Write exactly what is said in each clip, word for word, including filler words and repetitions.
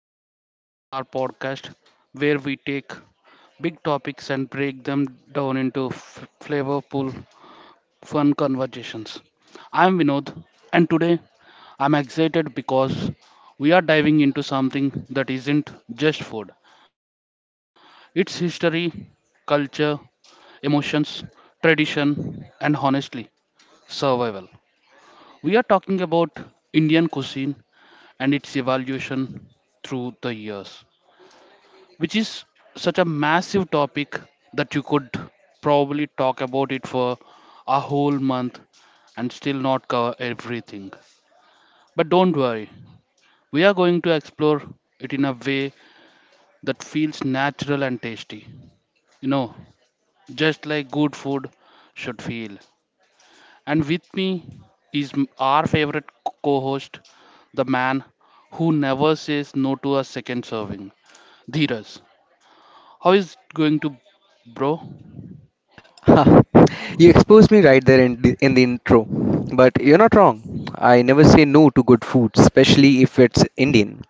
welcome da- back to our podcast where we take big topics and break them down into f- flavorful, fun conversations. I'm Vinod, and today I'm excited because we are diving into something that isn't just food, it's history, culture, emotions, tradition, and honestly, survival. We are talking about Indian cuisine and its evolution through the years, which is such a massive topic that you could probably talk about it for a whole month and still not cover everything. But don't worry, we are going to explore it in a way that feels natural and tasty. You know, just like good food should feel. And with me is m- our favorite co host, the man who never says no to a second serving, Dheeraj. How is it going to, bro? Huh, you exposed me right there in the, in the intro. But you're not wrong. I never say no to good food, especially if it's Indian.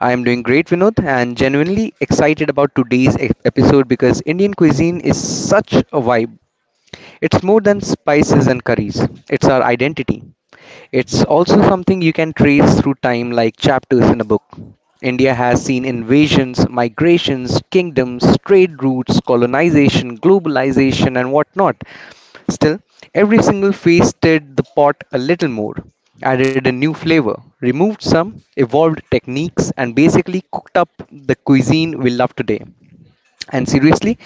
I am doing great, Vinod, and genuinely excited about today's e- episode because Indian cuisine is such a vibe. It's more than spices and curries, it's our identity. It's also something you can trace through time like chapters in a book. India has seen invasions, migrations, kingdoms, trade routes, colonization, globalization, and whatnot. Still, every single phase stirred the pot a little more, added a new flavor, removed some, evolved techniques, and basically cooked up the cuisine we love today. And seriously,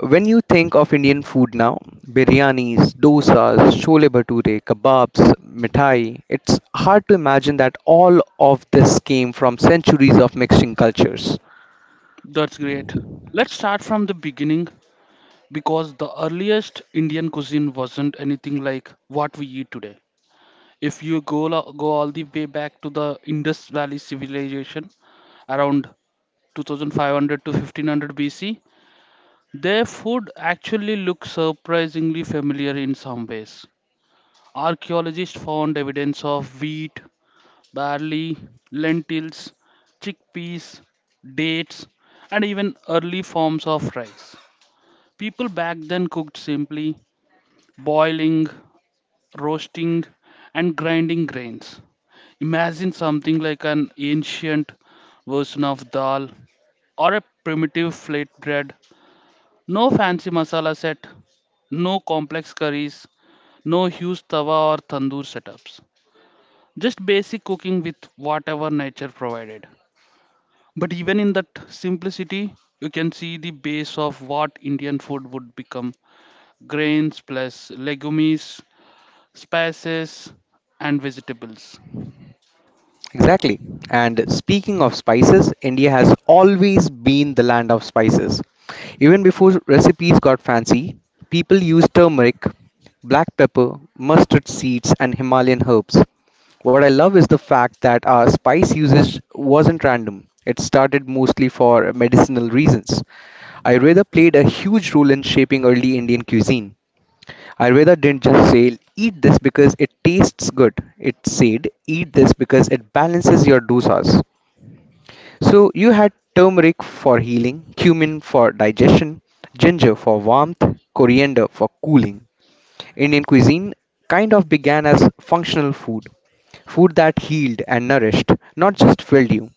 when you think of Indian food now, biryanis, dosas, chole bhature, kebabs, mithai, it's hard to imagine that all of this came from centuries of mixing cultures. That's great. Let's start from the beginning because the earliest Indian cuisine wasn't anything like what we eat today. If you go, lo- go all the way back to the Indus Valley civilization around two thousand five hundred to fifteen hundred B C. Their food actually looks surprisingly familiar in some ways. Archaeologists found evidence of wheat, barley, lentils, chickpeas, dates, and even early forms of rice. People back then cooked simply, boiling, roasting, and grinding grains. Imagine something like an ancient version of dal or a primitive flatbread, no fancy masala set, no complex curries, no huge tawa or tandoor setups. Just basic cooking with whatever nature provided. But even in that simplicity, you can see the base of what Indian food would become: grains plus legumes, spices, and vegetables. Exactly. And speaking of spices, India has always been the land of spices. Even before recipes got fancy, people used turmeric, black pepper, mustard seeds, and Himalayan herbs. What I love is the fact that our spice usage wasn't random. It started mostly for medicinal reasons. Ayurveda played a huge role in shaping early Indian cuisine. Ayurveda didn't just say, eat this because it tastes good. It said, eat this because it balances your dosas. So you had turmeric for healing, cumin for digestion, ginger for warmth, coriander for cooling. Indian cuisine kind of began as functional food, food that healed and nourished, not just filled you.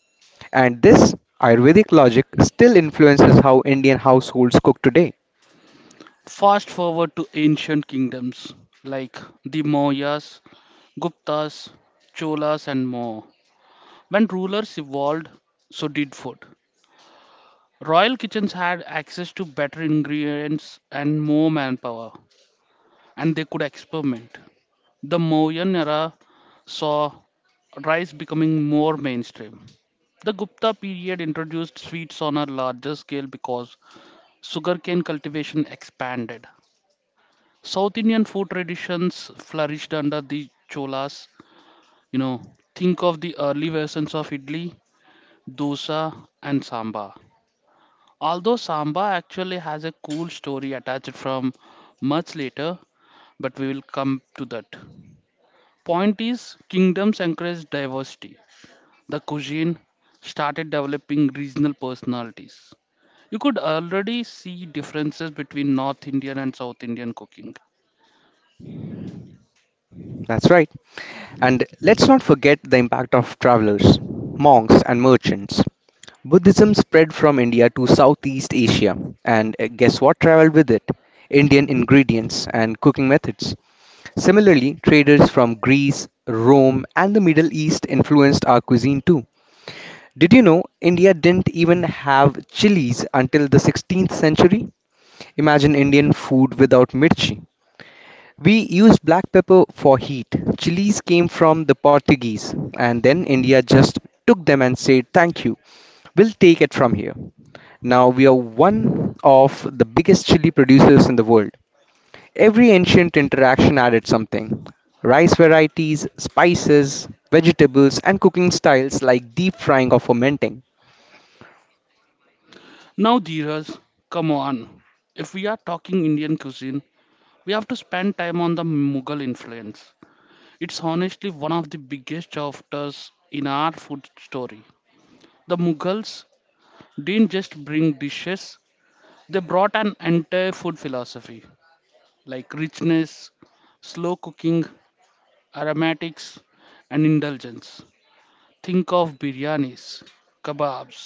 And this Ayurvedic logic still influences how Indian households cook today. Fast forward to ancient kingdoms like the Mauryas, Guptas, Cholas, and more. When rulers evolved, so did food. Royal kitchens had access to better ingredients and more manpower, and they could experiment. The Mauryan era saw rice becoming more mainstream. The Gupta period introduced sweets on a larger scale because sugarcane cultivation expanded. South Indian food traditions flourished under the Cholas. You know, think of the early versions of idli, dosa, and sambar. Although Samba actually has a cool story attached from much later, but we will come to that. Point is, kingdoms encouraged diversity. The cuisine started developing regional personalities. You could already see differences between North Indian and South Indian cooking. That's right. And let's not forget the impact of travelers, monks, and merchants. Buddhism spread from India to Southeast Asia, and uh, guess what traveled with it? Indian ingredients and cooking methods. Similarly, traders from Greece, Rome, and the Middle East influenced our cuisine too. Did you know India didn't even have chilies until the sixteenth century? Imagine Indian food without mirchi. We use black pepper for heat. Chilies came from the Portuguese, and then India just took them and said, thank you, we'll take it from here. Now we are one of the biggest chili producers in the world. Every ancient interaction added something rice varieties, spices, vegetables, and cooking styles like deep frying or fermenting. Now, Dheeraj, come on. If we are talking Indian cuisine, we have to spend time on the Mughal influence. It's honestly one of the biggest chapters in our food story. The Mughals didn't just bring dishes, they brought an entire food philosophy like richness, slow cooking, aromatics, and indulgence. Think of biryanis, kebabs,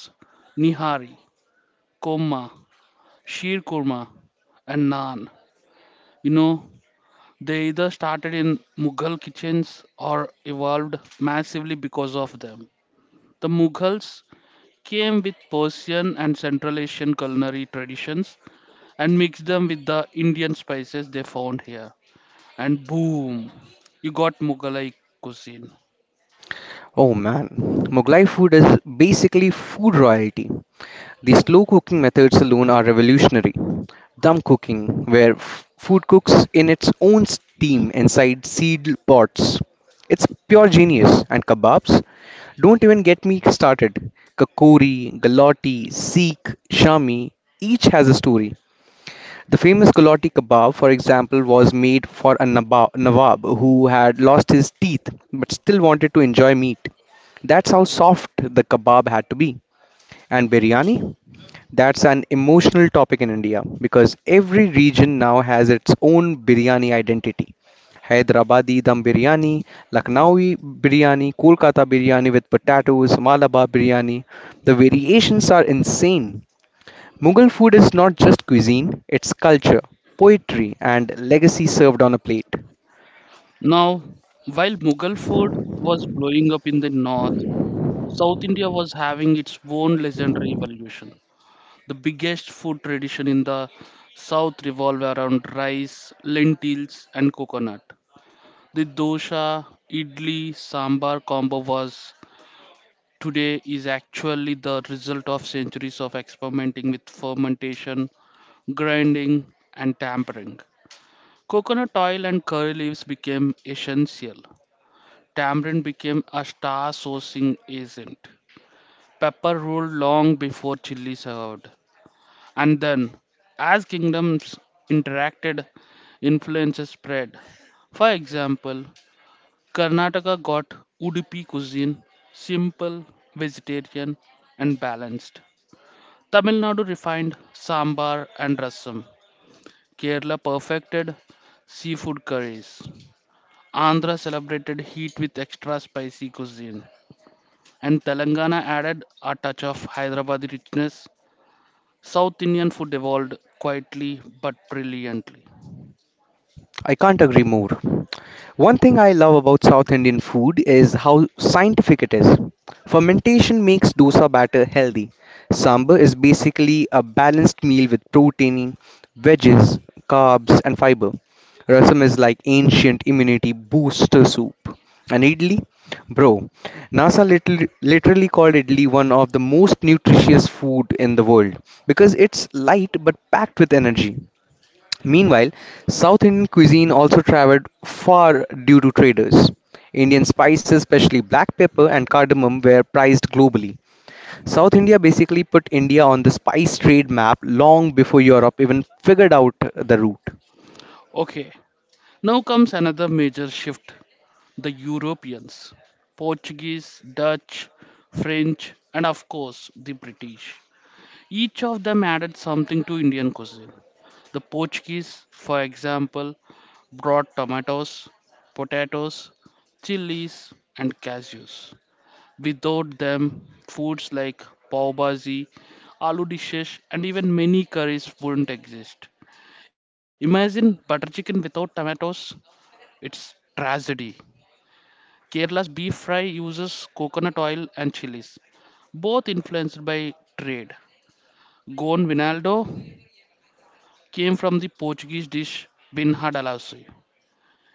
nihari, koma, sheer kurma, and naan. You know, they either started in Mughal kitchens or evolved massively because of them. The Mughals came with Persian and Central Asian culinary traditions and mix them with the Indian spices they found here. And boom, you got Mughalai cuisine. Oh man, Mughlai food is basically food royalty. The slow cooking methods alone are revolutionary. Dumb cooking, where f- food cooks in its own steam inside sealed pots. It's pure genius. And kebabs? Don't even get me started. Kakori, Galati, Sikh, Shami, each has a story. The famous Galati kebab, for example, was made for a naba- nawab who had lost his teeth but still wanted to enjoy meat. That's how soft the kebab had to be. And biryani? That's an emotional topic in India because every region now has its own biryani identity. Hyderabadi dum biryani, Lucknowi biryani, Kolkata biryani with potatoes, Malabar biryani. The variations are insane. Mughal food is not just cuisine, it's culture, poetry, and legacy served on a plate. Now, while Mughal food was blowing up in the north, South India was having its own legendary evolution. The biggest food tradition in the south revolved around rice, lentils, and coconut. The dosa, idli, sambar combo was today is actually the result of centuries of experimenting with fermentation, grinding, and tampering. Coconut oil and curry leaves became essential. Tamarind became a star sourcing agent. Pepper ruled long before chili served. And then, as kingdoms interacted, influences spread. For example, Karnataka got Udupi cuisine, simple, vegetarian, and balanced. Tamil Nadu refined sambar and rasam. Kerala perfected seafood curries. Andhra celebrated heat with extra spicy cuisine. And Telangana added a touch of Hyderabadi richness. South Indian food evolved quietly but brilliantly. I can't agree more. One thing I love about South Indian food is how scientific it is. Fermentation makes dosa batter healthy. Sambar is basically a balanced meal with protein, veggies, carbs, and fiber. Rasam is like ancient immunity booster soup. And idli? Bro, NASA literally, literally called idli one of the most nutritious food in the world because it's light but packed with energy. Meanwhile, South Indian cuisine also traveled far due to traders. Indian spices, especially black pepper and cardamom, were prized globally. South India basically put India on the spice trade map long before Europe even figured out the route. Okay, now comes another major shift: the Europeans, Portuguese, Dutch, French, and of course the British. Each of them added something to Indian cuisine. The Portuguese, for example, brought tomatoes, potatoes, chilies, and cashews. Without them, foods like pav bhaji, aloo dishes, and even many curries wouldn't exist. Imagine butter chicken without tomatoes. It's tragedy. Kerala's beef fry uses coconut oil and chilies, both influenced by trade. Gon Vinaldo came from the Portuguese dish Bin Hadalassi.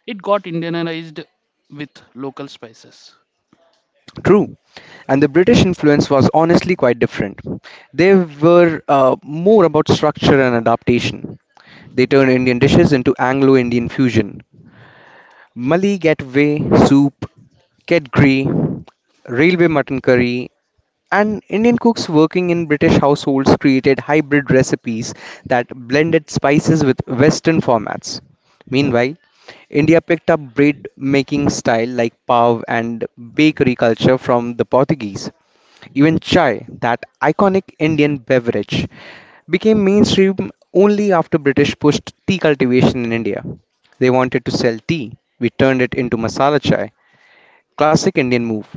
It got Indianized with local spices. True, and the British influence was honestly quite different. They were uh, more about structure and adaptation. They turned Indian dishes into Anglo Indian fusion. Mali Gateway Soup, Kedgeree, Railway Mutton Curry, and Indian cooks working in British households created hybrid recipes that blended spices with Western formats. Meanwhile, India picked up bread making style like pav and bakery culture from the Portuguese. Even chai, that iconic Indian beverage, became mainstream only after British pushed tea cultivation in India. They wanted to sell tea. We turned it into masala chai. Classic Indian move.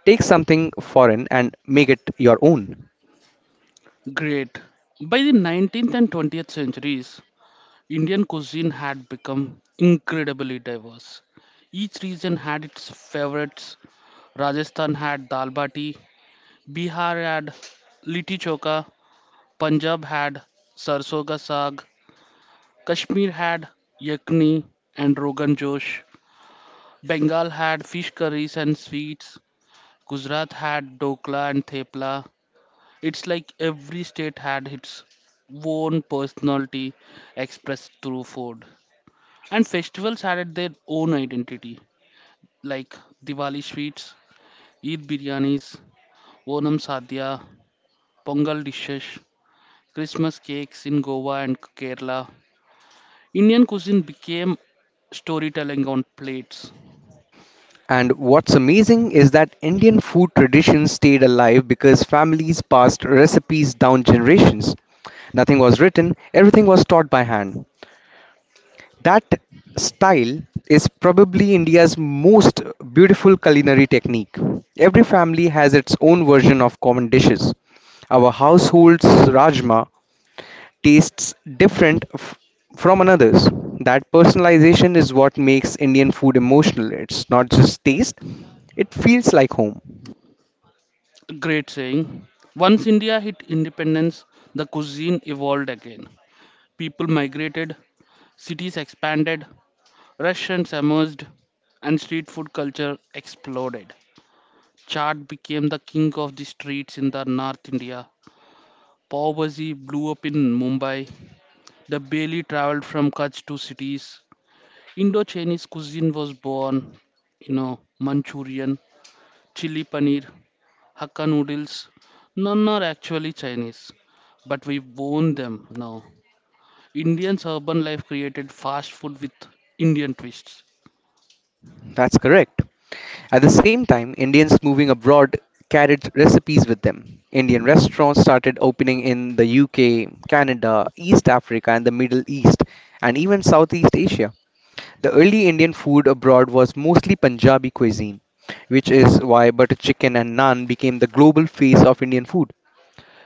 Take something foreign and make it your own. Great. By the nineteenth and twentieth centuries, Indian cuisine had become incredibly diverse. Each region had its favorites. Rajasthan had dal bati, Bihar had litti choka, Punjab had sarson ka saag, Kashmir had yakni and rogan josh, Bengal had fish curries and sweets, Gujarat had dokla and thepla. It's like every state had its own personality expressed through food. And festivals added their own identity, like Diwali sweets, Eid biryanis, Onam sadhya, Pongal dishes, Christmas cakes in Goa and Kerala. Indian cuisine became storytelling on plates. And what's amazing is that Indian food traditions stayed alive because families passed recipes down generations. Nothing was written, everything was taught by hand. That style is probably India's most beautiful culinary technique. Every family has its own version of common dishes. Our household's rajma tastes different f- from another's. That personalization is what makes Indian food emotional. It's not just taste, it feels like home. Great saying. Once India hit independence, the cuisine evolved again. People migrated, cities expanded, restaurants emerged, and street food culture exploded. Chaat became the king of the streets in the North India. Pav Bhaji blew up in Mumbai. The Bailey traveled from Kutch to cities. Indo-Chinese cuisine was born. You know, Manchurian, chili paneer, Hakka noodles. None are actually Chinese, but we own them now. Indian's urban life created fast food with Indian twists. That's correct. At the same time, Indians moving abroad carried recipes with them. Indian restaurants started opening in the U K, Canada, East Africa, and the Middle East, and even Southeast Asia. The early Indian food abroad was mostly Punjabi cuisine, which is why butter chicken and naan became the global face of Indian food.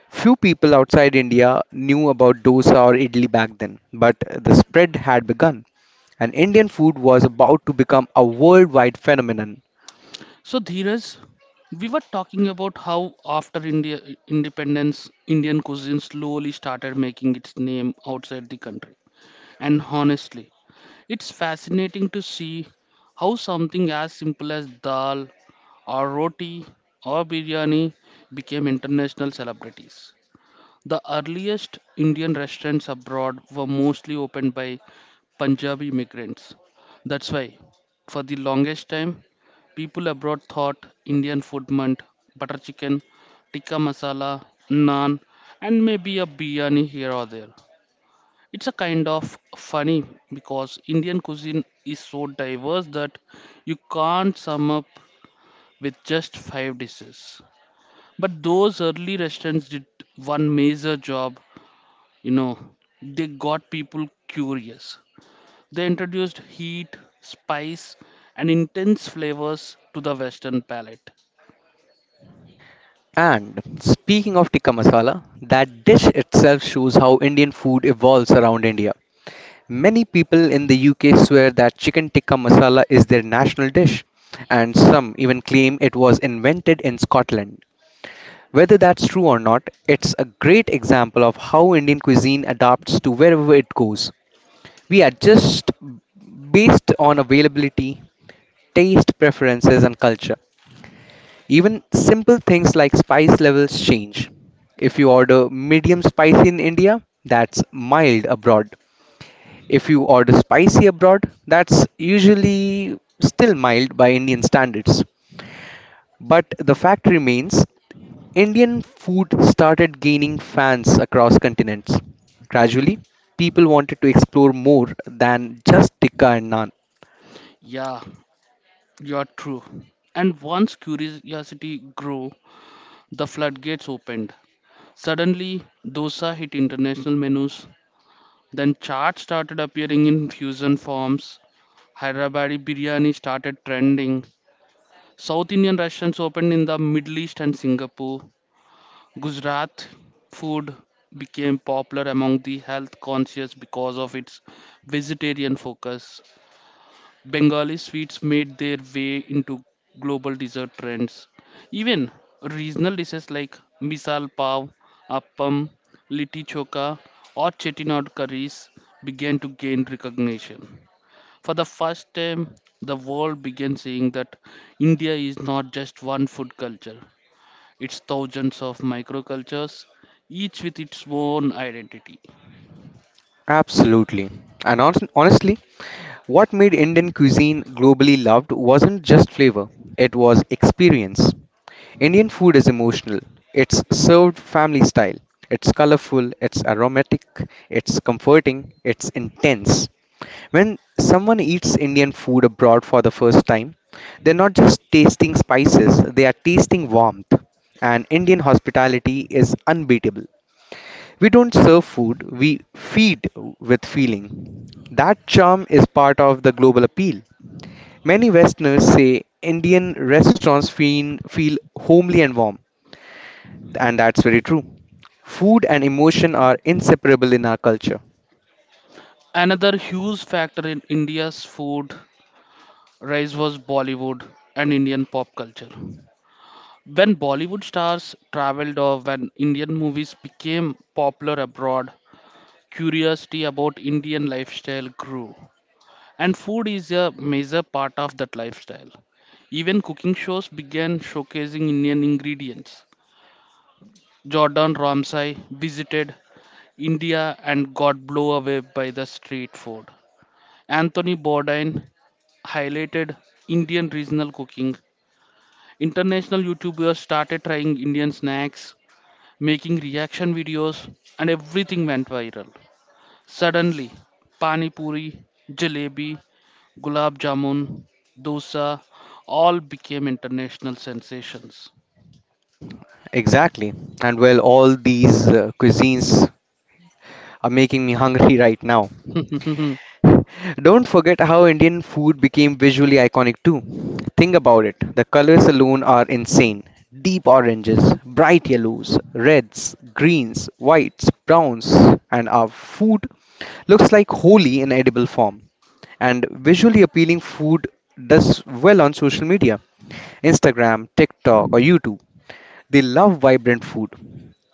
Few people outside India knew about dosa or idli back then, but the spread had begun, and Indian food was about to become a worldwide phenomenon. So, Dheeraj, we were talking about how after India independence, Indian cuisine slowly started making its name outside the country. And honestly, it's fascinating to see how something as simple as dal or roti or biryani became international celebrities. The earliest Indian restaurants abroad were mostly opened by Punjabi migrants. That's why, for the longest time, people abroad thought Indian food meant butter chicken, tikka masala, naan, and maybe a biryani here or there. It's a kind of funny because Indian cuisine is so diverse that you can't sum up with just five dishes. But those early restaurants did one major job. You know, they got people curious, they introduced heat, spice, and intense flavors to the western palate. And speaking of tikka masala, that dish itself shows how Indian food evolves around India. Many people in the U K swear that chicken tikka masala is their national dish, and some even claim it was invented in Scotland. Whether that's true or not, it's a great example of how Indian cuisine adapts to wherever it goes. We adjust based on availability, taste preferences, and culture. Even simple things like spice levels change. If you order medium spicy in India, that's mild abroad. If you order spicy abroad, that's usually still mild by Indian standards. But the fact remains, Indian food started gaining fans across continents. Gradually, people wanted to explore more than just tikka and naan. Yeah, you're true. And once curiosity grew, the floodgates opened. Suddenly, dosa hit international menus, then chaat started appearing in fusion forms, hyderabadi biryani started trending, south indian restaurants opened in the middle east and singapore. Gujarat food became popular among the health conscious because of its vegetarian focus. Bengali sweets made their way into global dessert trends. Even regional dishes like misal pav, appam, litti choka, or chettinad curries began to gain recognition. For the first time, the world began seeing that India is not just one food culture, it's thousands of microcultures, each with its own identity. Absolutely. And hon- honestly, what made Indian cuisine globally loved wasn't just flavor, it was experience. Indian food is emotional. It's served family style. It's colorful, it's aromatic, it's comforting, it's intense. When someone eats Indian food abroad for the first time, they're not just tasting spices, they are tasting warmth. And Indian hospitality is unbeatable. We don't serve food, we feed with feeling. That charm is part of the global appeal. Many Westerners say Indian restaurants feel, feel homely and warm, and that's very true. Food and emotion are inseparable in our culture. Another huge factor in India's food rise was Bollywood and Indian pop culture. When Bollywood stars traveled or when Indian movies became popular abroad, curiosity about Indian lifestyle grew. And food is a major part of that lifestyle. Even cooking shows began showcasing Indian ingredients. Jordan Ramsay visited India and got blown away by the street food. Anthony Bourdain highlighted Indian regional cooking. International YouTubers started trying Indian snacks, making reaction videos, and everything went viral. Suddenly, pani puri, jalebi, gulab jamun, dosa all became international sensations. Exactly. And well, all these uh, cuisines are making me hungry right now. Don't forget how Indian food became visually iconic too. Think about it. The colors alone are insane. Deep oranges, bright yellows, reds, greens, whites, browns, and our food looks like wholly in edible form. And visually appealing food does well on social media. Instagram, TikTok, or YouTube. They love vibrant food.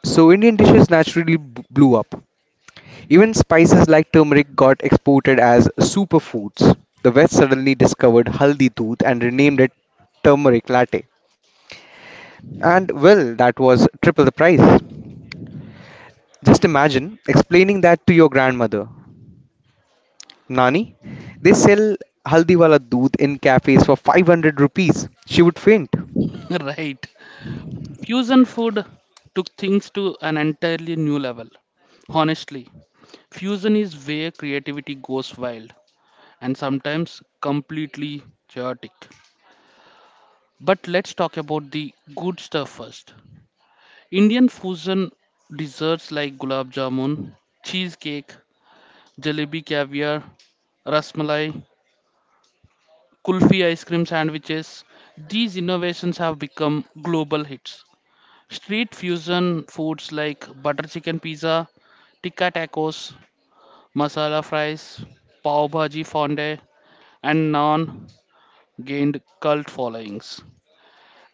So Indian dishes naturally b- blew up. Even spices like turmeric got exported as superfoods. The West suddenly discovered haldi doodh and renamed it turmeric latte. And well, that was triple the price. Just imagine explaining that to your grandmother. Nani, they sell haldi wala doodh in cafes for five hundred rupees. She would faint. Right. Fusion food took things to an entirely new level. Honestly, fusion is where creativity goes wild and sometimes completely chaotic. But let's talk about the good stuff first. Indian fusion desserts like gulab jamun, cheesecake, jalebi caviar, rasmalai, kulfi ice cream sandwiches, these innovations have become global hits. Street fusion foods like butter chicken pizza, tikka tacos, masala fries, pav bhaji fonde, and naan gained cult followings.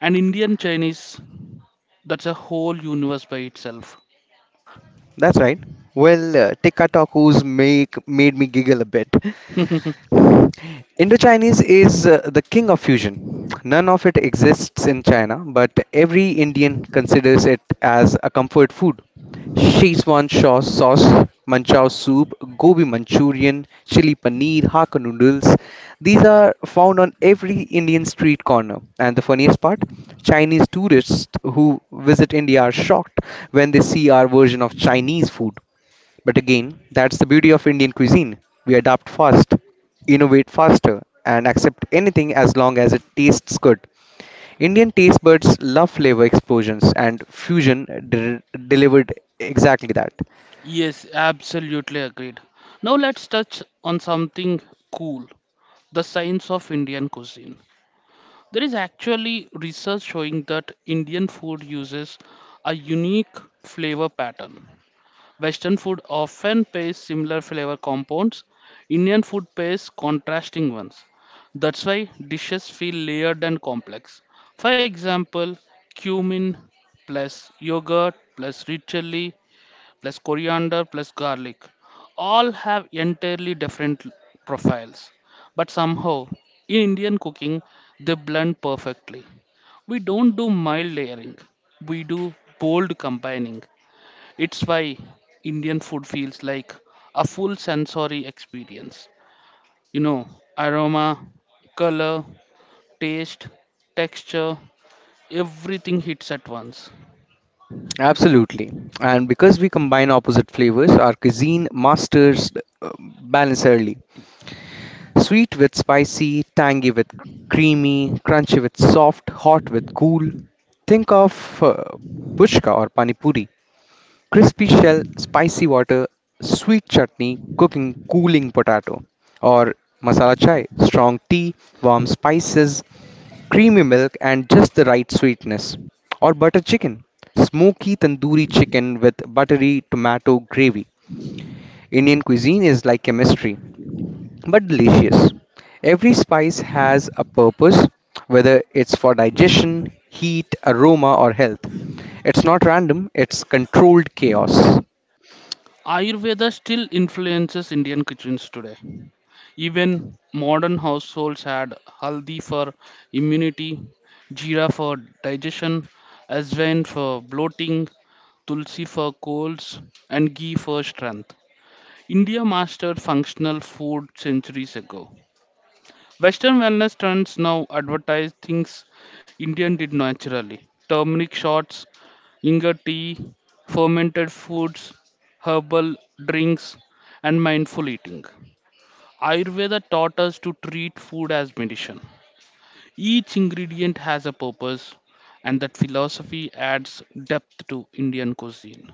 And Indian Chinese, that's a whole universe by itself. That's right. Well, uh, tikka tacos make made me giggle a bit. Indo-Chinese is uh, the king of fusion. None of it exists in China, but every Indian considers it as a comfort food. Szechuan shaw sauce, manchow soup, gobi manchurian, chili paneer, hakka noodles. These are found on every Indian street corner. And the funniest part, Chinese tourists who visit India are shocked when they see our version of Chinese food. But again, that's the beauty of Indian cuisine. We adapt fast, innovate faster, and accept anything as long as it tastes good. Indian taste buds love flavor explosions, and fusion de- delivered exactly that. Yes, absolutely agreed. Now let's touch on something cool: the science of Indian cuisine. There is actually research showing that Indian food uses a unique flavor pattern. Western food often pays similar flavor compounds. Indian food pays contrasting ones. That's why dishes feel layered and complex. For example, cumin plus yogurt plus red chili plus coriander plus garlic all have entirely different profiles. But somehow, in Indian cooking, they blend perfectly. We don't do mild layering, we do bold combining. It's why Indian food feels like a full sensory experience. You know, aroma, color, taste, texture, everything hits at once. Absolutely. And because we combine opposite flavors, our cuisine masters uh, balance early. Sweet with spicy, tangy with creamy, crunchy with soft, hot with cool. Think of uh, puchka or pani puri. Crispy shell, spicy water, sweet chutney, cooking, cooling potato, or masala chai, strong tea, warm spices, creamy milk, and just the right sweetness, or butter chicken, smoky tandoori chicken with buttery tomato gravy. Indian cuisine is like chemistry, but delicious. Every spice has a purpose, whether it's for digestion, heat, aroma, or health. It's not random, it's controlled chaos. Ayurveda still influences Indian kitchens today. Even modern households add haldi for immunity, jeera for digestion, ajwain for bloating, tulsi for colds, and ghee for strength. India mastered functional food centuries ago. Western wellness trends now advertise things Indian did naturally. Turmeric shots, ginger tea, fermented foods, herbal drinks, and mindful eating. Ayurveda taught us to treat food as medicine. Each ingredient has a purpose, and that philosophy adds depth to Indian cuisine.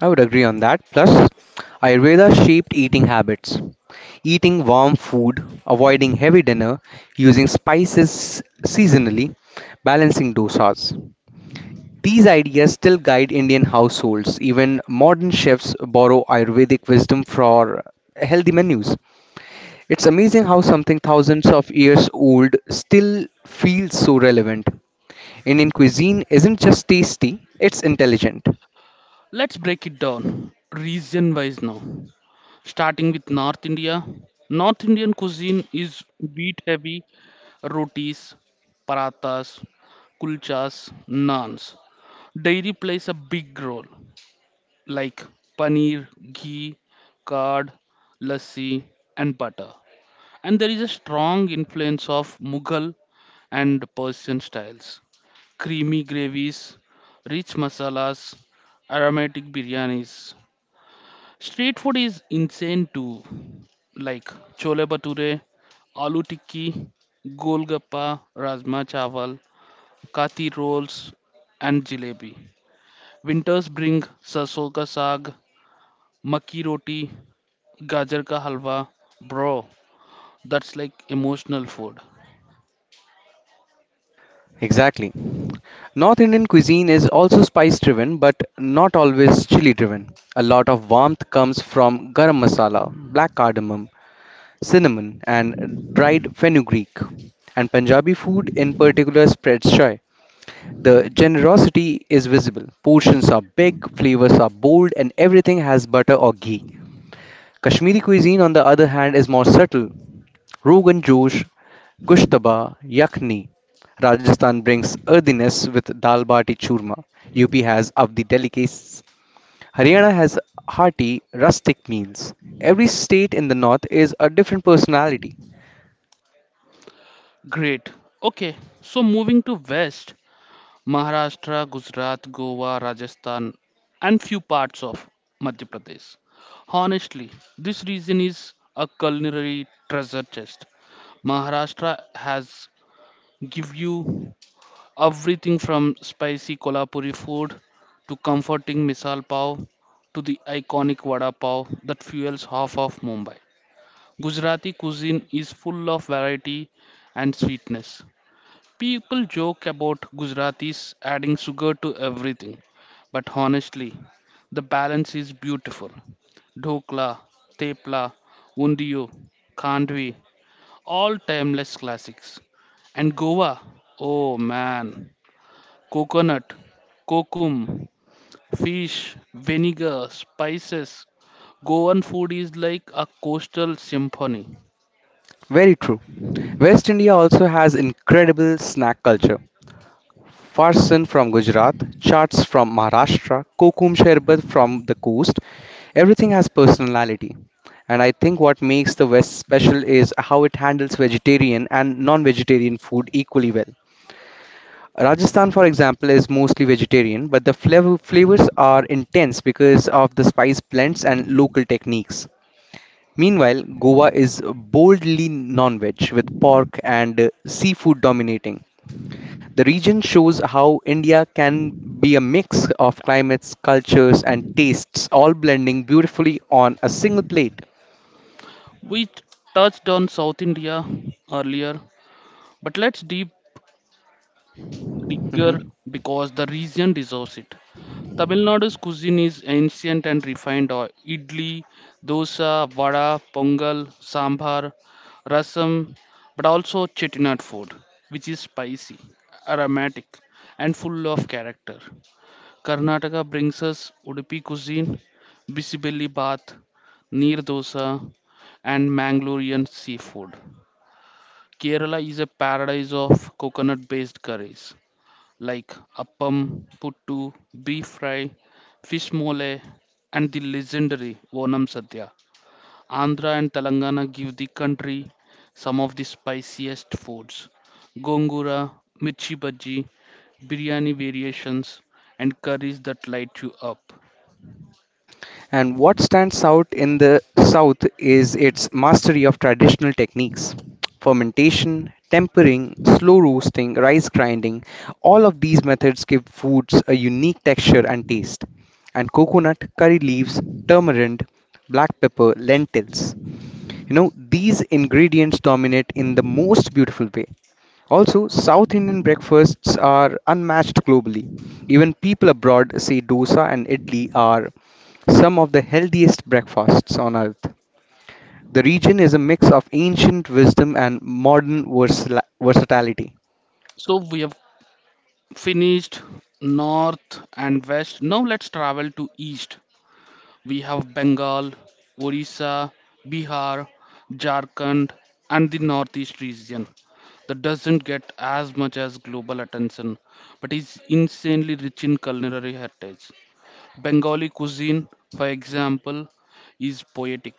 I would agree on that. Plus, Ayurveda shaped eating habits. Eating warm food, avoiding heavy dinner, using spices seasonally, balancing dosas. These ideas still guide Indian households. Even modern chefs borrow Ayurvedic wisdom for healthy menus. It's amazing how something thousands of years old still feels so relevant. Indian cuisine isn't just tasty, it's intelligent. Let's break it down region wise now. Starting with North India. North Indian cuisine is wheat heavy: rotis, parathas, kulchas, naans. Dairy plays a big role, like paneer, ghee, curd, lassi, and butter. And there is a strong influence of Mughal and Persian styles. Creamy gravies, rich masalas, aromatic biryanis. Street food is insane too, like chole bhature, aloo tikki, golgappa, rajma chawal, kathi rolls, and jalebi. Winters bring sarson ka saag, makki roti, gajar ka halwa. Bro, that's like emotional food. Exactly. North Indian cuisine is also spice driven but not always chili driven. A lot of warmth comes from garam masala, black cardamom, cinnamon, and dried fenugreek. And Punjabi food in particular spreads joy. The generosity is visible. Portions are big, flavors are bold, and everything has butter or ghee. Kashmiri cuisine, on the other hand, is more subtle. Rogan Josh, Kushtaba Yakhni. Rajasthan brings earthiness with dal bati churma. U P has avdi delicacies. Haryana has hearty, rustic meals. Every state in the north is a different personality. Great. Okay, so moving to West, Maharashtra, Gujarat, Goa, Rajasthan, and few parts of Madhya Pradesh. Honestly, this region is a culinary treasure chest. Maharashtra has give you everything from spicy Kolhapuri food to comforting misal pav to the iconic vada pav that fuels half of Mumbai. Gujarati cuisine is full of variety and sweetness. People joke about Gujaratis adding sugar to everything, but honestly, the balance is beautiful. Dhokla, Tepla, Undiyo, Kandvi, all timeless classics. And Goa, oh man, coconut, kokum, fish, vinegar, spices. Goan food is like a coastal symphony. Very true. West India also has incredible snack culture. Farsan from Gujarat, Chaats from Maharashtra, Kokum Sharbat from the coast. Everything has personality. And I think what makes the West special is how it handles vegetarian and non vegetarian food equally well. Rajasthan, for example, is mostly vegetarian, but the flav- flavors are intense because of the spice blends and local techniques. Meanwhile, Goa is boldly non veg with pork and uh, seafood dominating. The region shows how India can be a mix of climates, cultures, and tastes, all blending beautifully on a single plate. We touched on South India earlier, but let's deep bigger Mhm. because the region deserves it. Tamil Nadu's cuisine is ancient and refined. uh, Idli, dosa, vada, pongal, sambar, rasam, but also chettinad food, which is spicy, aromatic, and full of character. Karnataka brings us Udupi cuisine, bisibelli bath, neer dosa, and Mangalorean seafood. Kerala is a paradise of coconut based curries like appam, puttu, beef fry, fish mole, and the legendary Vonam Sadhya. Andhra and Telangana give the country some of the spiciest foods. Gongura, mirchi bhaji, biryani variations, and curries that light you up. And what stands out in the south is its mastery of traditional techniques: fermentation, tempering, slow roasting, rice grinding. All of these methods give foods a unique texture and taste. And coconut, curry leaves, tamarind, black pepper, lentils. You know, these ingredients dominate in the most beautiful way. Also, South Indian breakfasts are unmatched globally. Even people abroad say dosa and idli are some of the healthiest breakfasts on earth. The region is a mix of ancient wisdom and modern versala- versatility. So we have finished north and west. Now let's travel to east. We have Bengal, Orissa, Bihar, Jharkhand, and the Northeast region that doesn't get as much as global attention but is insanely rich in culinary heritage. Bengali cuisine, for example, is poetic.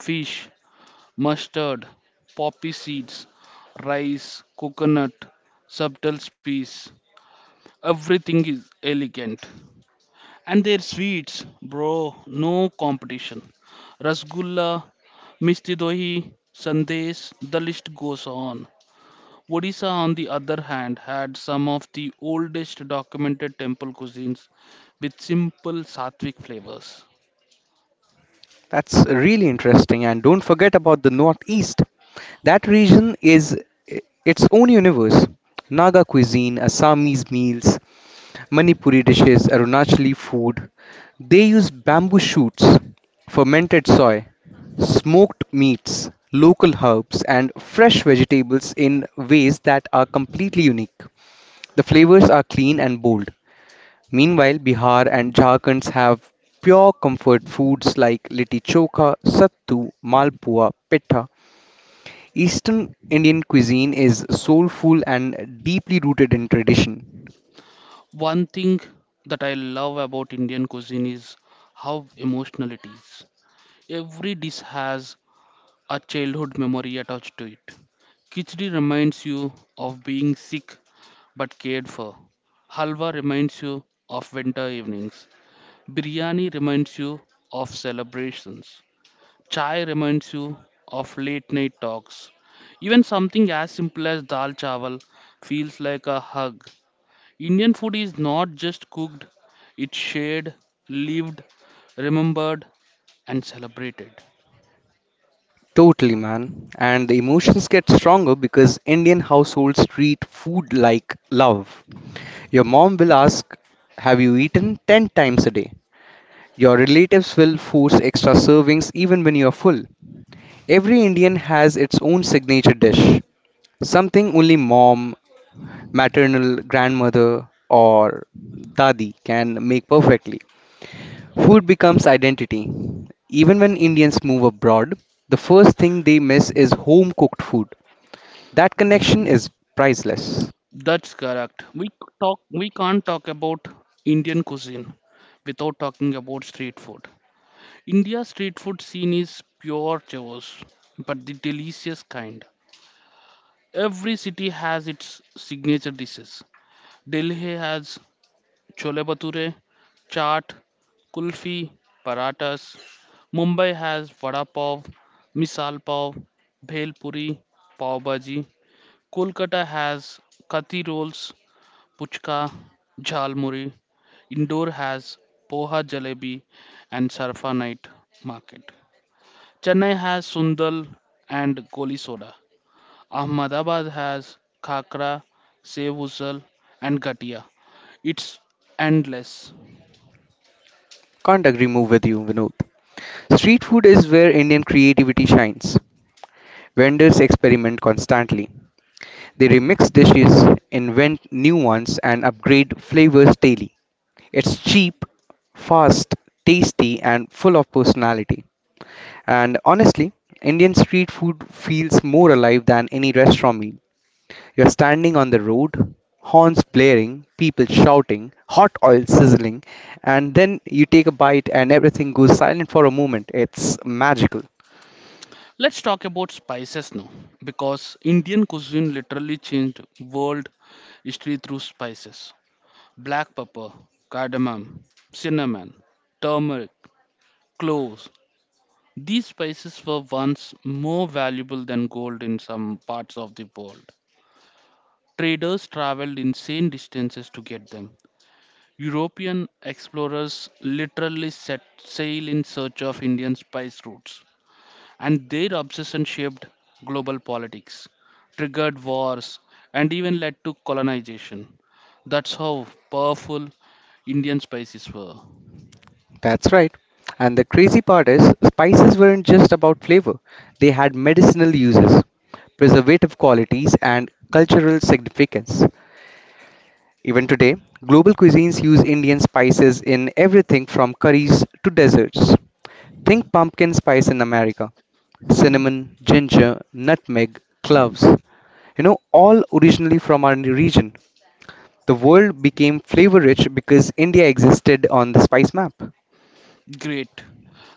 Fish, mustard, poppy seeds, rice, coconut, subtle spice, everything is elegant. And their sweets, bro, no competition. Rasgulla, Misti Dohi, Sandesh, the list goes on. Odisha, on the other hand, had some of the oldest documented temple cuisines with simple sattvic flavors. That's really interesting. And don't forget about the Northeast. That region is i- its own universe. Naga cuisine, Assamese meals, Manipuri dishes, Arunachali food. They use bamboo shoots, fermented soy, smoked meats, local herbs, and fresh vegetables in ways that are completely unique. The flavors are clean and bold. Meanwhile, Bihar and Jharkhand have pure comfort foods like litti chokha, sattu, malpua, pitta. Eastern Indian cuisine is soulful and deeply rooted in tradition. One thing that I love about Indian cuisine is how emotional it is. Every dish has a childhood memory attached to it. Khichdi reminds you of being sick but cared for. Halwa reminds you of winter evenings. Biryani reminds you of celebrations. Chai reminds you of late night talks. Even something as simple as dal chawal feels like a hug. Indian food is not just cooked, it's shared, lived, remembered, and celebrated. Totally, man. And the emotions get stronger because Indian households treat food like love. Your mom will ask, "Have you eaten ten times a day?" Your relatives will force extra servings even when you're full. Every Indian has its own signature dish, something only mom, maternal grandmother, or dadi can make perfectly. Food becomes identity. Even when Indians move abroad, the first thing they miss is home cooked food. That connection is priceless. That's correct. We c- talk we can't talk about Indian cuisine without talking about street food. India's street food scene is pure chaos, but the delicious kind. Every city has its signature dishes. Delhi has chole bhature, chaat, kulfi, paratas. Mumbai has vada pav, misal pav, bhel puri, pav bhaji. Kolkata has kathi rolls, puchka, jhalmuri. Indore has poha jalebi and sarfa night market. Chennai has sundal and Koli soda. Ahmedabad has khakra, sev usal and gatia. It's endless. Can't agree more with you, Vinod. Street food is where Indian creativity shines. Vendors experiment constantly. They remix dishes, invent new ones, and upgrade flavors daily. It's cheap, fast, tasty, and full of personality. And honestly, Indian street food feels more alive than any restaurant meal. You're standing on the road, horns blaring, people shouting, hot oil sizzling, and then you take a bite and everything goes silent for a moment. It's magical. Let's talk about spices now because Indian cuisine literally changed world history through spices. Black pepper, cardamom, cinnamon, turmeric, cloves. These spices were once more valuable than gold in some parts of the world. Traders traveled insane distances to get them. European explorers literally set sail in search of Indian spice routes, and their obsession shaped global politics, triggered wars, and even led to colonization. That's how powerful Indian spices were. That's right. And the crazy part is, spices weren't just about flavor, they had medicinal uses, preservative qualities, and cultural significance. Even today, global cuisines use Indian spices in everything from curries to desserts. Think pumpkin spice in America, cinnamon, ginger, nutmeg, cloves. You know, all originally from our region. The world became flavor rich because India existed on the spice map. Great.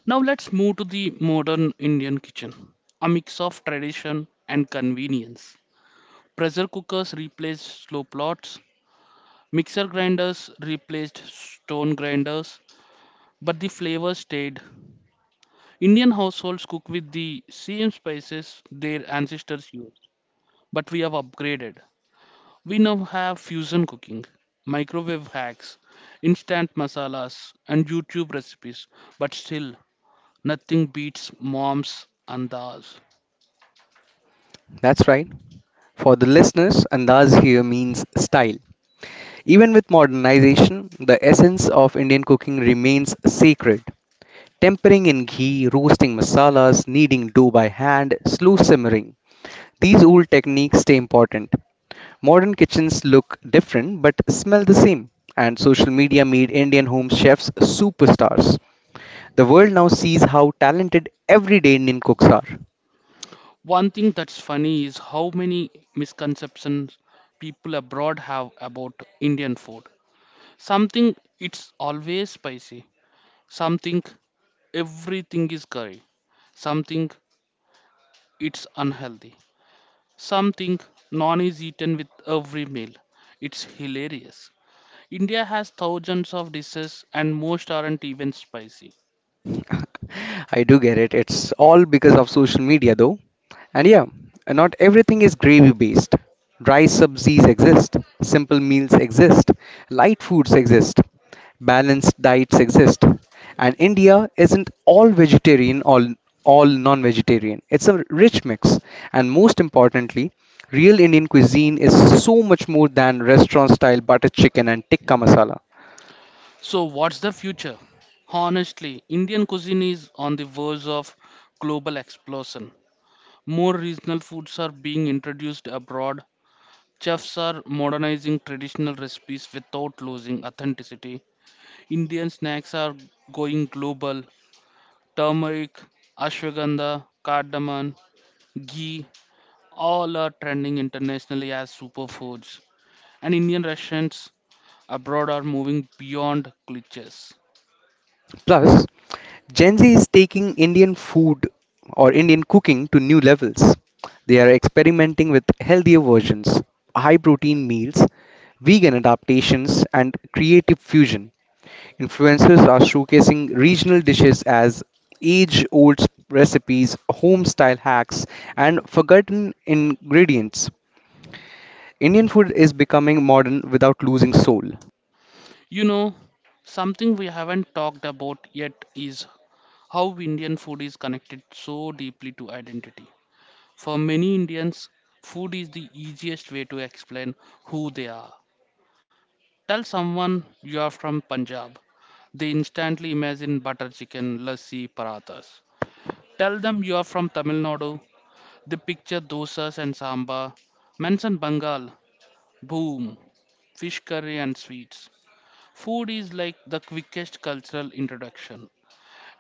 Now let's move to the modern Indian kitchen, a mix of tradition and convenience. Pressure cookers replaced slow plots, mixer grinders replaced stone grinders, but the flavor stayed. Indian households cook with the same spices their ancestors used, but we have upgraded. We now have fusion cooking, microwave hacks, instant masalas, and YouTube recipes, but still nothing beats moms and da's. That's right. For the listeners, andaz here means style. Even with modernization, the essence of Indian cooking remains sacred. Tempering in ghee, roasting masalas, kneading dough by hand, slow simmering. These old techniques stay important. Modern kitchens look different but smell the same, and social media made Indian home chefs superstars. The world now sees how talented everyday Indian cooks are. One thing that's funny is how many misconceptions people abroad have about Indian food. Some think it's always spicy. Some think everything is curry. Some think it's unhealthy. Some think non is eaten with every meal. It's hilarious. India has thousands of dishes and most aren't even spicy. I do get it, it's all because of social media though. And yeah, not everything is gravy based. Dry subsies exist, simple meals exist, light foods exist, balanced diets exist, and India isn't all vegetarian or all non vegetarian. It's a rich mix, and most importantly, real Indian cuisine is so much more than restaurant style butter chicken and tikka masala. So, what's the future? Honestly, Indian cuisine is on the verge of global explosion. More regional foods are being introduced abroad. Chefs are modernizing traditional recipes without losing authenticity. Indian snacks are going global. Turmeric, ashwagandha, cardamom, ghee, all are trending internationally as superfoods. And Indian restaurants abroad are moving beyond cliches. Plus, Gen Z is taking Indian food or Indian cooking to new levels. They are experimenting with healthier versions, high protein meals, vegan adaptations, and creative fusion. Influencers are showcasing regional dishes as age old recipes, home style hacks, and forgotten ingredients. Indian food is becoming modern without losing soul. You know, something we haven't talked about yet is how Indian food is connected so deeply to identity. For many Indians, food is the easiest way to explain who they are. Tell someone you are from Punjab. They instantly imagine butter chicken, lassi, parathas. Tell them you are from Tamil Nadu. They picture dosas and sambar. Mention Bengal. Boom. Fish curry and sweets. Food is like the quickest cultural introduction.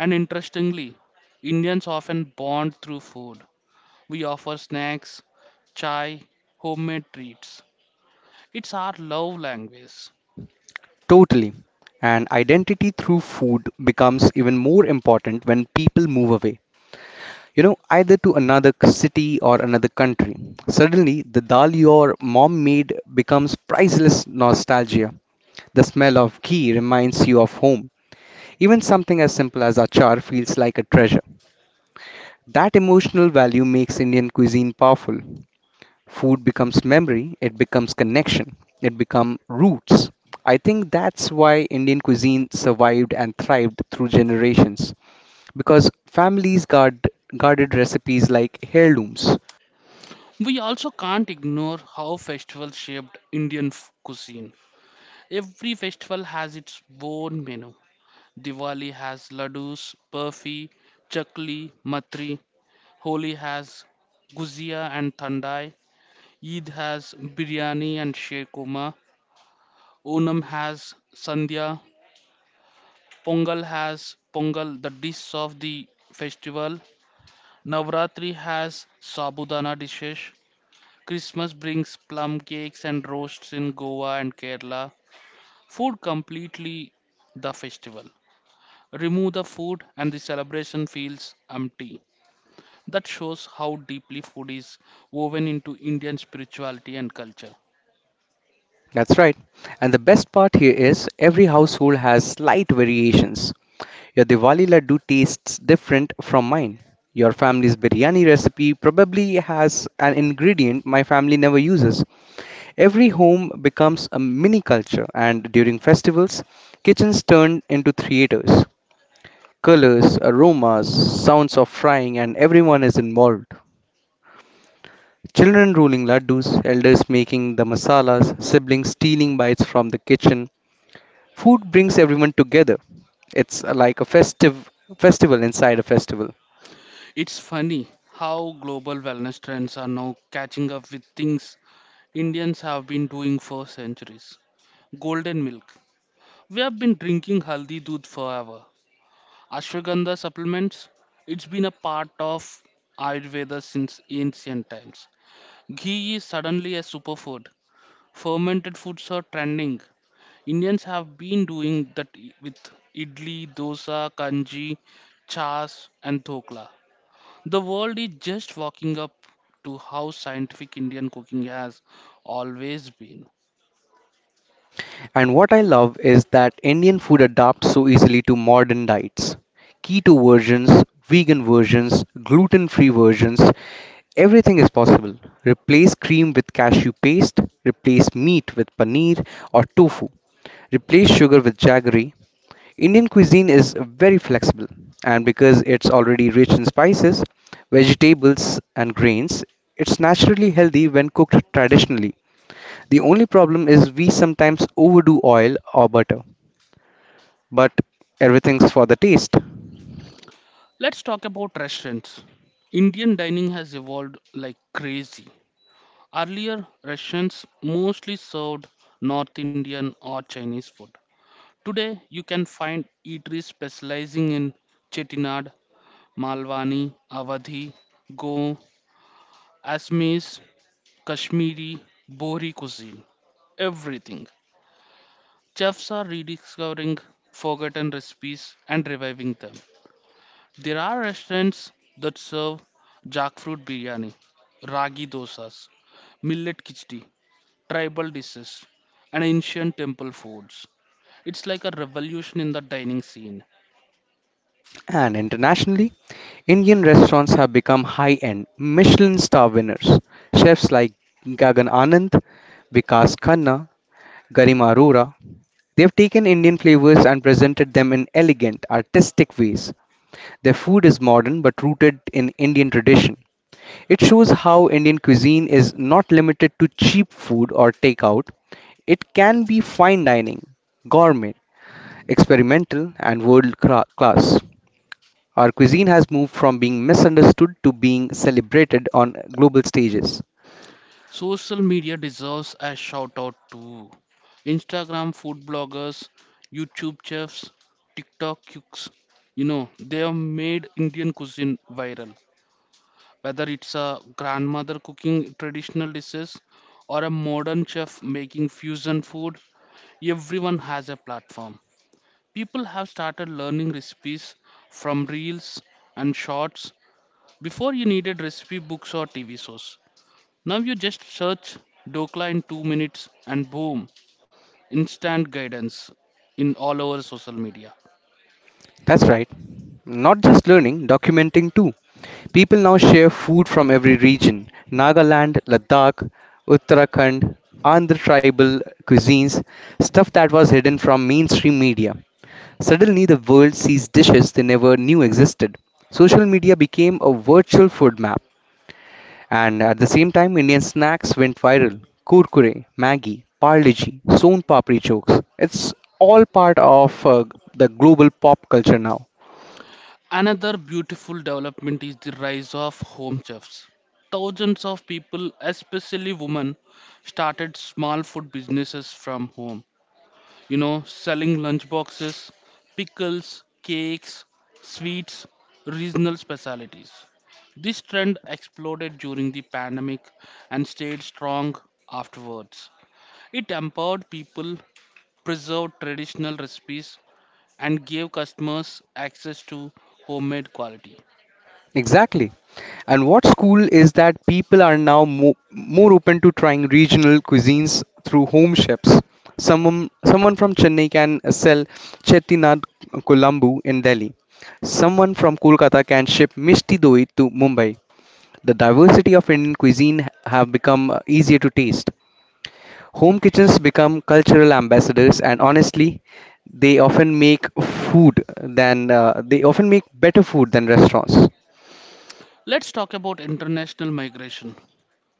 And interestingly, Indians often bond through food. We offer snacks, chai, homemade treats. It's our love language. Totally. And identity through food becomes even more important when people move away. You know, either to another c- city or another country. Suddenly, the dal your mom made becomes priceless nostalgia. The smell of ghee reminds you of home. Even something as simple as achar feels like a treasure. That emotional value makes Indian cuisine powerful. Food becomes memory, it becomes connection, it becomes roots. I think that's why Indian cuisine survived and thrived through generations because families guard, guarded recipes like heirlooms. We also can't ignore how festivals shaped Indian f- cuisine. Every festival has its own menu. Diwali has laddus, burfi, chakli, matri. Holi has guzia and thandai. Eid has biryani and shekurma. Onam has sandhya. Pongal has pongal, the dish of the festival. Navratri has sabudana dishes. Christmas brings plum cakes and roasts in Goa and Kerala. Food completely the festival. Remove the food and the celebration feels empty. That shows how deeply food is woven into Indian spirituality and culture. That's right. And the best part here is every household has slight variations. Your Diwali laddu tastes different from mine. Your family's biryani recipe probably has an ingredient my family never uses. Every home becomes a mini culture, and during festivals, kitchens turn into theaters. Colors, aromas, sounds of frying, and everyone is involved. Children rolling laddus, elders making the masalas, siblings stealing bites from the kitchen. Food brings everyone together. It's like a festive festival inside a festival. It's funny how global wellness trends are now catching up with things Indians have been doing for centuries. Golden milk. We have been drinking haldi doodh forever. Ashwagandha supplements. It's been a part of Ayurveda since ancient times. Ghee is suddenly a superfood. Fermented foods are trending. Indians have been doing that i- with idli, dosa, kanji, chas, and dhokla. The world is just waking up to how scientific Indian cooking has always been. And what I love is that Indian food adapts so easily to modern diets. Keto versions, vegan versions, gluten free versions, everything is possible. Replace cream with cashew paste, replace meat with paneer or tofu, replace sugar with jaggery. Indian cuisine is very flexible, and because it's already rich in spices, vegetables, and grains, it's naturally healthy when cooked traditionally. The only problem is we sometimes overdo oil or butter, but everything's for the taste. Let's talk about restaurants. Indian dining has evolved like crazy. Earlier, restaurants mostly served North Indian or Chinese food. Today, you can find eateries specializing in Chettinad, Malwani, Awadhi, Go, Assamese, Kashmiri, Bohri cuisine, everything. Chefs are rediscovering forgotten recipes and reviving them. There are restaurants that serve jackfruit biryani, ragi dosas, millet khichdi, tribal dishes, and ancient temple foods. It's like a revolution in the dining scene. And internationally, Indian restaurants have become high end Michelin star winners. Chefs like Gagan Anand, Vikas Khanna, Garima Arora, they have taken Indian flavors and presented them in elegant, artistic ways. Their food is modern but rooted in Indian tradition. It shows how Indian cuisine is not limited to cheap food or takeout. It can be fine dining, gourmet, experimental, and world cra- class. Our cuisine has moved from being misunderstood to being celebrated on global stages. Social media deserves a shout out too. Instagram food bloggers, YouTube chefs, TikTok cooks, you know, they have made Indian cuisine viral. Whether it's a grandmother cooking traditional dishes or a modern chef making fusion food, everyone has a platform. People have started learning recipes from reels and shorts. Before, you needed recipe books or T V shows. Now you just search Dokla in two minutes and boom, instant guidance in all over social media. That's right. Not just learning, documenting too. People now share food from every region: Nagaland, Ladakh, Uttarakhand, Andhra tribal cuisines, stuff that was hidden from mainstream media. Suddenly, the world sees dishes they never knew existed. Social media became a virtual food map, and at the same time, Indian snacks went viral. Kurkure, Maggi, Parle-G, Son Papri jokes. It's all part of uh, the global pop culture now. Another beautiful development is the rise of home chefs. Thousands of people, especially women, started small food businesses from home. You know, selling lunch boxes, pickles, cakes, sweets, regional specialties. This trend exploded during the pandemic and stayed strong afterwards. It empowered people, preserved traditional recipes, and gave customers access to homemade quality. Exactly. And what's cool is that people are now mo- more open to trying regional cuisines through home chefs. Someone, someone from Chennai can sell Chettinad Kulambu in Delhi. Someone from Kolkata can ship Mishti Doi to Mumbai. The diversity of Indian cuisine have become uh, easier to taste. Home kitchens become cultural ambassadors, and honestly, they often make food than uh, they often make better food than restaurants. Let's talk about international migration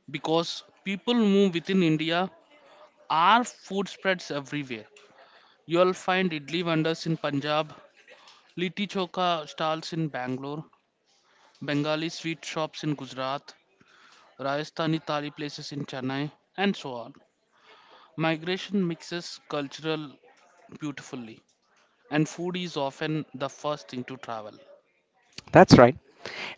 because people move within India. Our food spreads everywhere. You'll find idli vendors in Punjab, litti choka stalls in Bangalore, Bengali sweet shops in Gujarat, Rajasthani thali places in Chennai, and so on. Migration mixes cultural beautifully, and food is often the first thing to travel. That's right.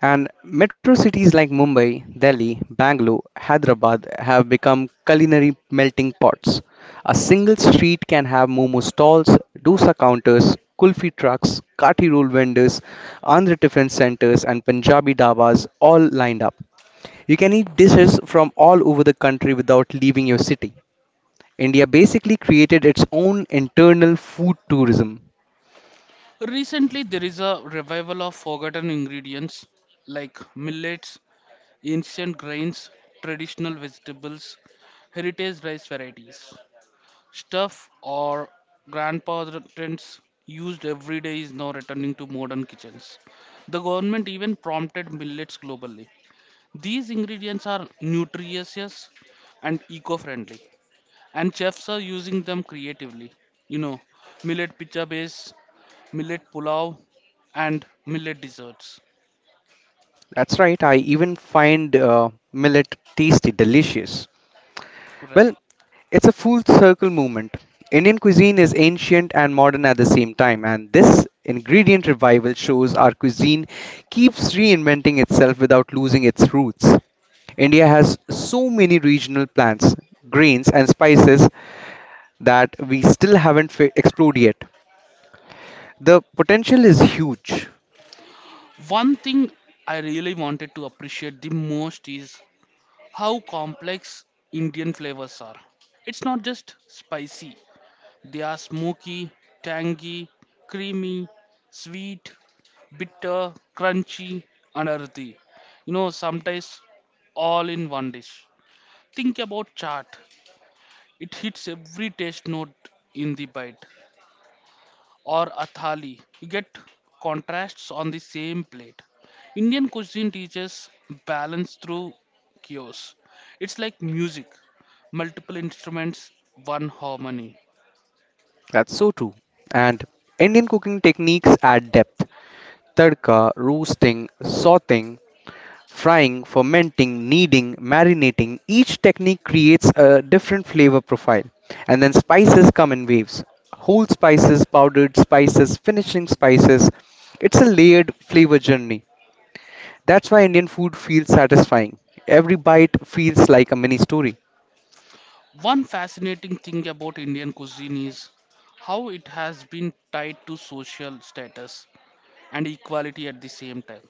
And metro cities like Mumbai, Delhi, Bangalore, Hyderabad have become culinary melting pots. A single street can have momo stalls, dosa counters, kulfi trucks, kati roll vendors, Andhra tiffin centers, and Punjabi dabas all lined up. You can eat dishes from all over the country without leaving your city. India basically created its own internal food tourism. Recently, there is a revival of forgotten ingredients like millets, ancient grains, traditional vegetables, heritage rice varieties. Stuff or grandparents used every day is now returning to modern kitchens. The government even prompted millets globally. These ingredients are nutritious and eco friendly, and chefs are using them creatively. You know, millet pizza base, millet pulao, and millet desserts. That's right, I even find uh, millet tasty delicious. Well, Right. it's a full circle movement. Indian cuisine is ancient and modern at the same time, and this ingredient revival shows our cuisine keeps reinventing itself without losing its roots. India has so many regional plants, grains, and spices that we still haven't fi- explored yet. The potential is huge. One thing I really wanted to appreciate the most is how complex Indian flavors are. It's not just spicy, they are smoky, tangy, creamy, sweet, bitter, crunchy, and earthy. You know, sometimes all in one dish. Think about chaat. It hits every taste note in the bite. Or a thali. You get contrasts on the same plate. Indian cuisine teaches balance through chaos. It's like music. Multiple instruments, one harmony. That's so true. And Indian cooking techniques add depth. Tadka, roasting, sauteing, frying, fermenting, kneading, marinating, each technique creates a different flavor profile. And then spices come in waves: whole spices, powdered spices, finishing spices. It's a layered flavor journey. That's why Indian food feels satisfying. Every bite feels like a mini story. One fascinating thing about Indian cuisine is how it has been tied to social status and equality at the same time.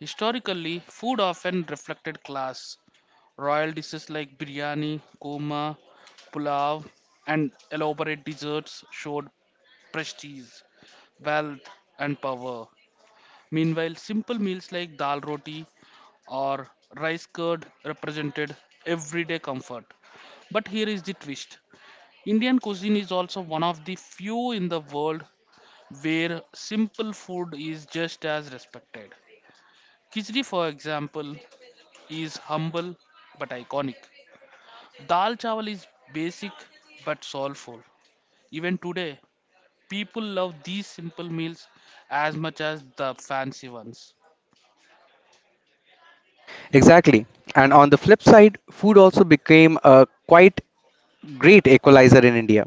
Historically, food often reflected class. Royal dishes like biryani, korma, pulao, and elaborate desserts showed prestige, wealth, and power. Meanwhile, simple meals like dal roti or rice curd represented everyday comfort. But here is the twist: Indian cuisine is also one of the few in the world where simple food is just as respected. Khichdi, for example, is humble but iconic. Dal chawal is basic but soulful. Even today, people love these simple meals as much as the fancy ones. Exactly. And on the flip side, food also became a quite great equalizer in India.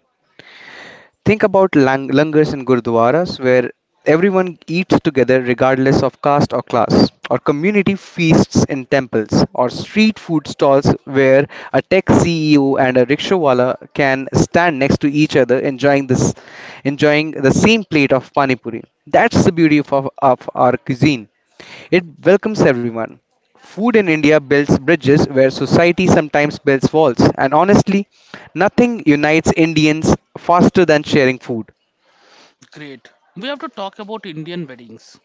Think about lang- langars and gurdwaras where everyone eats together regardless of caste or class, or community feasts in temples, or street food stalls where a tech C E O and a rickshawala can stand next to each other enjoying this enjoying the same plate of pani puri. That's the beauty of, of of our cuisine. It welcomes everyone. Food in India builds bridges where society sometimes builds walls, and honestly, nothing unites Indians faster than sharing food. Great. We have to talk about Indian weddings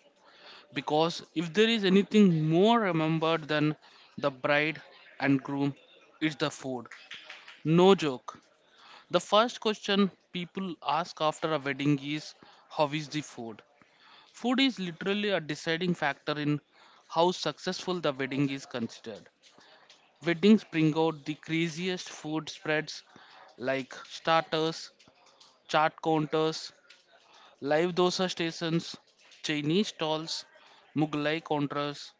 because if there is anything more remembered than the bride and groom, it's the food. No joke. The first question people ask after a wedding is, how is the food? Food is literally a deciding factor in how successful the wedding is considered. Weddings bring out the craziest food spreads like starters, chart counters, live dosa stations, Chinese stalls, Mughlai counters,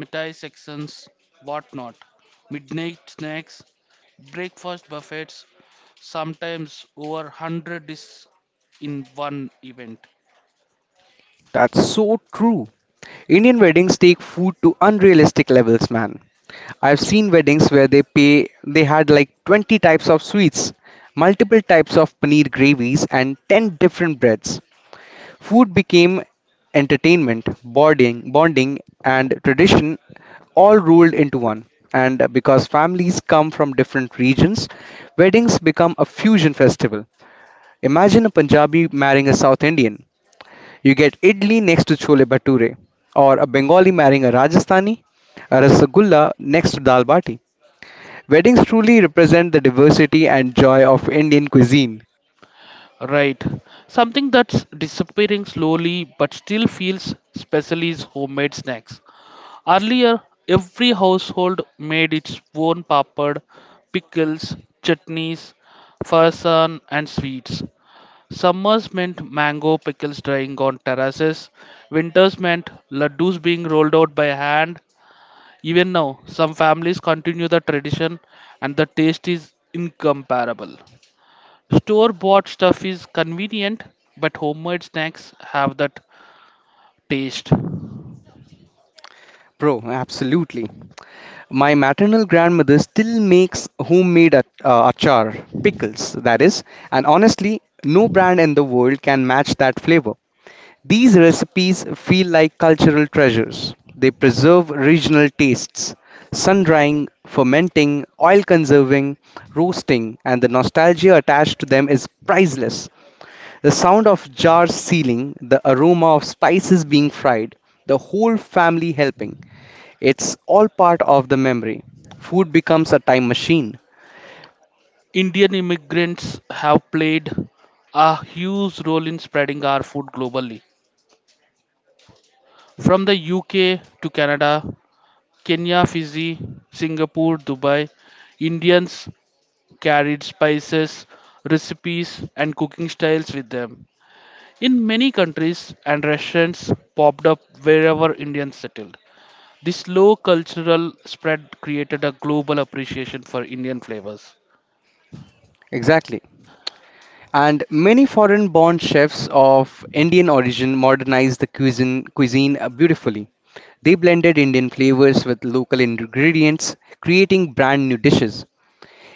mithai sections, whatnot, midnight snacks, breakfast buffets, sometimes over a hundred dishes in one event. That's so true. Indian weddings take food to unrealistic levels, man. I've seen weddings where they pay they had like twenty types of sweets, multiple types of paneer gravies and ten different breads. Food became entertainment, bonding, bonding, and tradition all rolled into one. And because families come from different regions, weddings become a fusion festival. Imagine a Punjabi marrying a South Indian. You get idli next to chole bhature, or a Bengali marrying a Rajasthani, a rasagulla next to dal bati. Weddings truly represent the diversity and joy of Indian cuisine. Right. Something that's disappearing slowly but still feels special is homemade snacks. Earlier, every household made its own papad, pickles, chutneys, farsan, and sweets. Summers meant mango pickles drying on terraces, winters meant laddus being rolled out by hand. Even now, some families continue the tradition, and the taste is incomparable. Store bought stuff is convenient, but homemade snacks have that taste. Bro, absolutely. My maternal grandmother still makes homemade ach- uh, achar, pickles, that is, and honestly, no brand in the world can match that flavor. These recipes feel like cultural treasures. They preserve regional tastes, sun drying, fermenting, oil conserving, roasting, and the nostalgia attached to them is priceless. The sound of jars sealing, the aroma of spices being fried, the whole family helping. It's all part of the memory. Food becomes a time machine. Indian immigrants have played a huge role in spreading our food globally. From the U K to Canada, Kenya, Fiji, Singapore, Dubai, Indians carried spices, recipes, and cooking styles with them. In many countries and restaurants popped up wherever Indians settled. This slow cultural spread created a global appreciation for Indian flavors. Exactly. And many foreign born chefs of Indian origin modernized the cuisine, cuisine uh, beautifully. They blended Indian flavors with local ingredients, creating brand new dishes.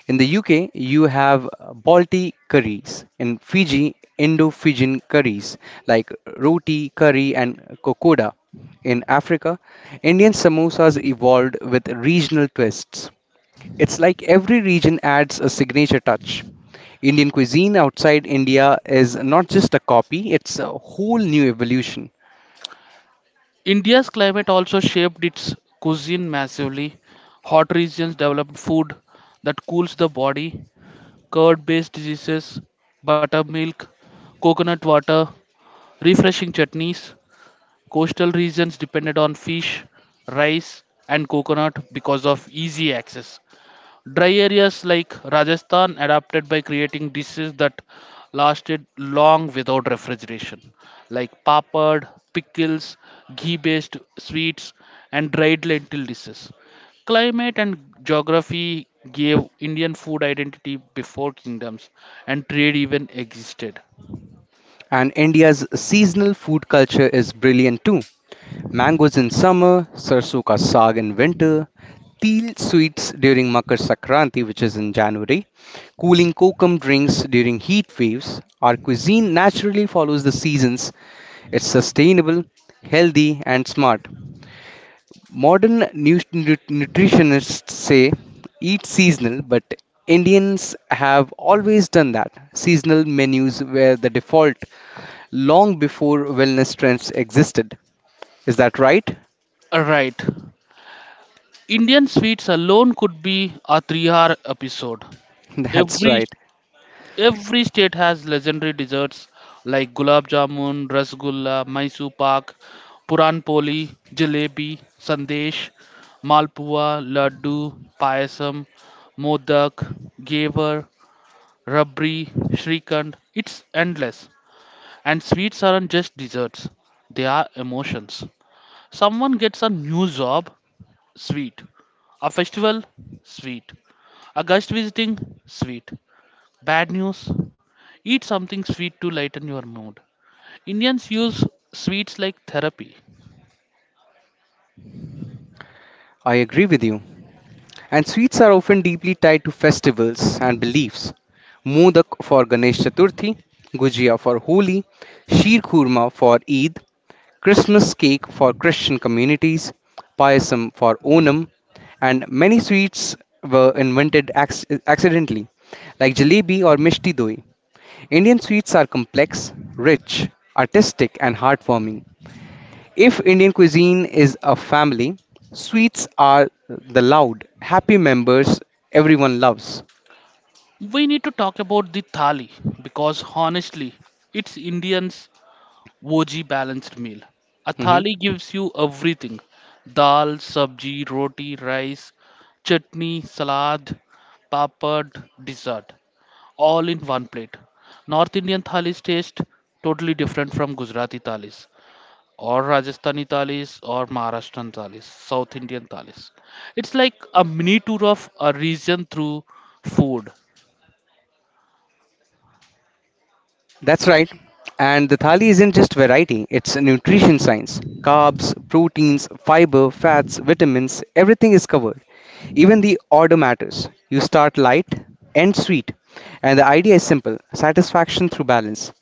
In the U K, you have uh, Balti curries. In Fiji, Indo-Fijian curries like roti curry and kokoda. In Africa, Indian samosas evolved with regional twists. It's like every region adds a signature touch. Indian cuisine outside India is not just a copy, it's a whole new evolution. India's climate also shaped its cuisine massively. Hot regions developed food that cools the body, curd based diseases, buttermilk, coconut water, refreshing chutneys. Coastal regions depended on fish, rice, and coconut because of easy access. Dry areas like Rajasthan adapted by creating dishes that lasted long without refrigeration, like papad, pickles, ghee based sweets, and dried lentil dishes. Climate and geography gave Indian food identity before kingdoms and trade even existed. And India's seasonal food culture is brilliant too. Mangoes in summer, sarso ka saag in winter, teal sweets during Makar Sankranti, which is in January, cooling kokum drinks during heat waves. Our cuisine naturally follows the seasons. It's sustainable, healthy, and smart. Modern nu- nu- nutritionists say eat seasonal, but Indians have always done that. Seasonal menus were the default long before wellness trends existed. Is that right? Right. Indian sweets alone could be a three hour episode. That's Every right. Every state has legendary desserts like gulab jamun, rasgulla, Mysore pak, puran poli, jalebi, sandesh, malpua, laddu, payasam, modak, gaver, rabri, shrikand. It's endless. And sweets aren't just desserts, they are emotions. Someone gets a new job, sweet. A festival, sweet. A guest visiting, sweet. Bad news, eat something sweet to lighten your mood. Indians use sweets like therapy. I agree with you. And sweets are often deeply tied to festivals and beliefs. Modak for Ganesh Chaturthi, Gujia for Holi, Sheer Kurma for Eid, Christmas cake for Christian communities, payasam for Onam, and many sweets were invented acc- accidentally, like jalebi or mishti doi. Indian sweets are complex, rich, artistic, and heartwarming. If Indian cuisine is a family, sweets are the loud, happy members everyone loves. We need to talk about the thali because honestly, it's Indians' O G balanced meal. A Mm-hmm. thali gives you everything: dal, sabji, roti, rice, chutney, salad, papad, dessert, all in one plate. North Indian thalis taste totally different from Gujarati thalis, or Rajasthani thalis or Maharashtrian thalis, South Indian thalis. It's like a mini tour of a region through food. That's right. And the thali isn't just variety, it's a nutrition science. Carbs, proteins, fiber, fats, vitamins, everything is covered. Even the order matters. You start light, end sweet. And the idea is simple satisfaction through balance.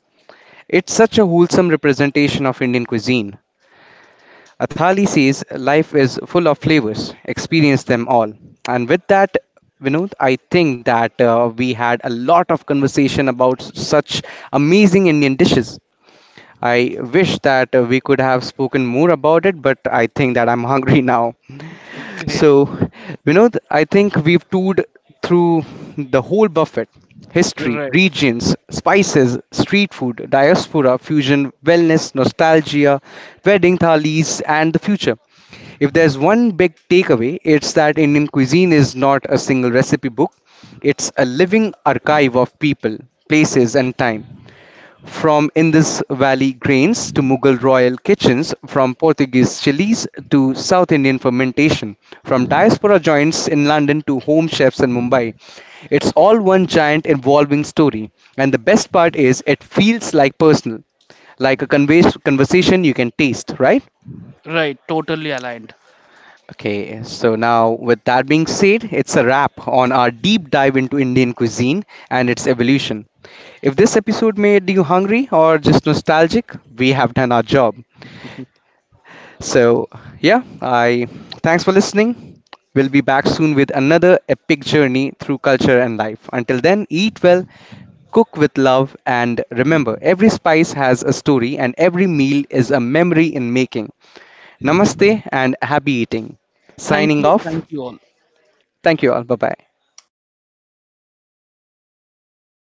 It's such a wholesome representation of Indian cuisine. A thali says life is full of flavors, experience them all. And with that, Vinod, I think that uh, we had a lot of conversation about s- such amazing Indian dishes. I wish that uh, we could have spoken more about it, but I think that I'm hungry now. Great. So, Vinod, I think we've toured through the whole buffet history, Right. regions, spices, street food, diaspora, fusion, wellness, nostalgia, wedding thalis, and the future. If there's one big takeaway, it's that Indian cuisine is not a single recipe book, it's a living archive of people, places, and time. From Indus Valley grains to Mughal royal kitchens, from Portuguese chilies to South Indian fermentation, from diaspora joints in London to home chefs in Mumbai, it's all one giant evolving story. And the best part is, it feels like personal, like a convers- conversation you can taste, right? Right. Totally aligned. Okay, so now with that being said, it's a wrap on our deep dive into Indian cuisine and its evolution. If this episode made you hungry or just nostalgic, we have done our job. So, yeah, I thanks for listening. We'll be back soon with another epic journey through culture and life. Until then, eat well, cook with love, and remember, every spice has a story and every meal is a memory in making. Namaste and happy eating. Thank Signing you. Thank off, you all. thank you all. Bye bye.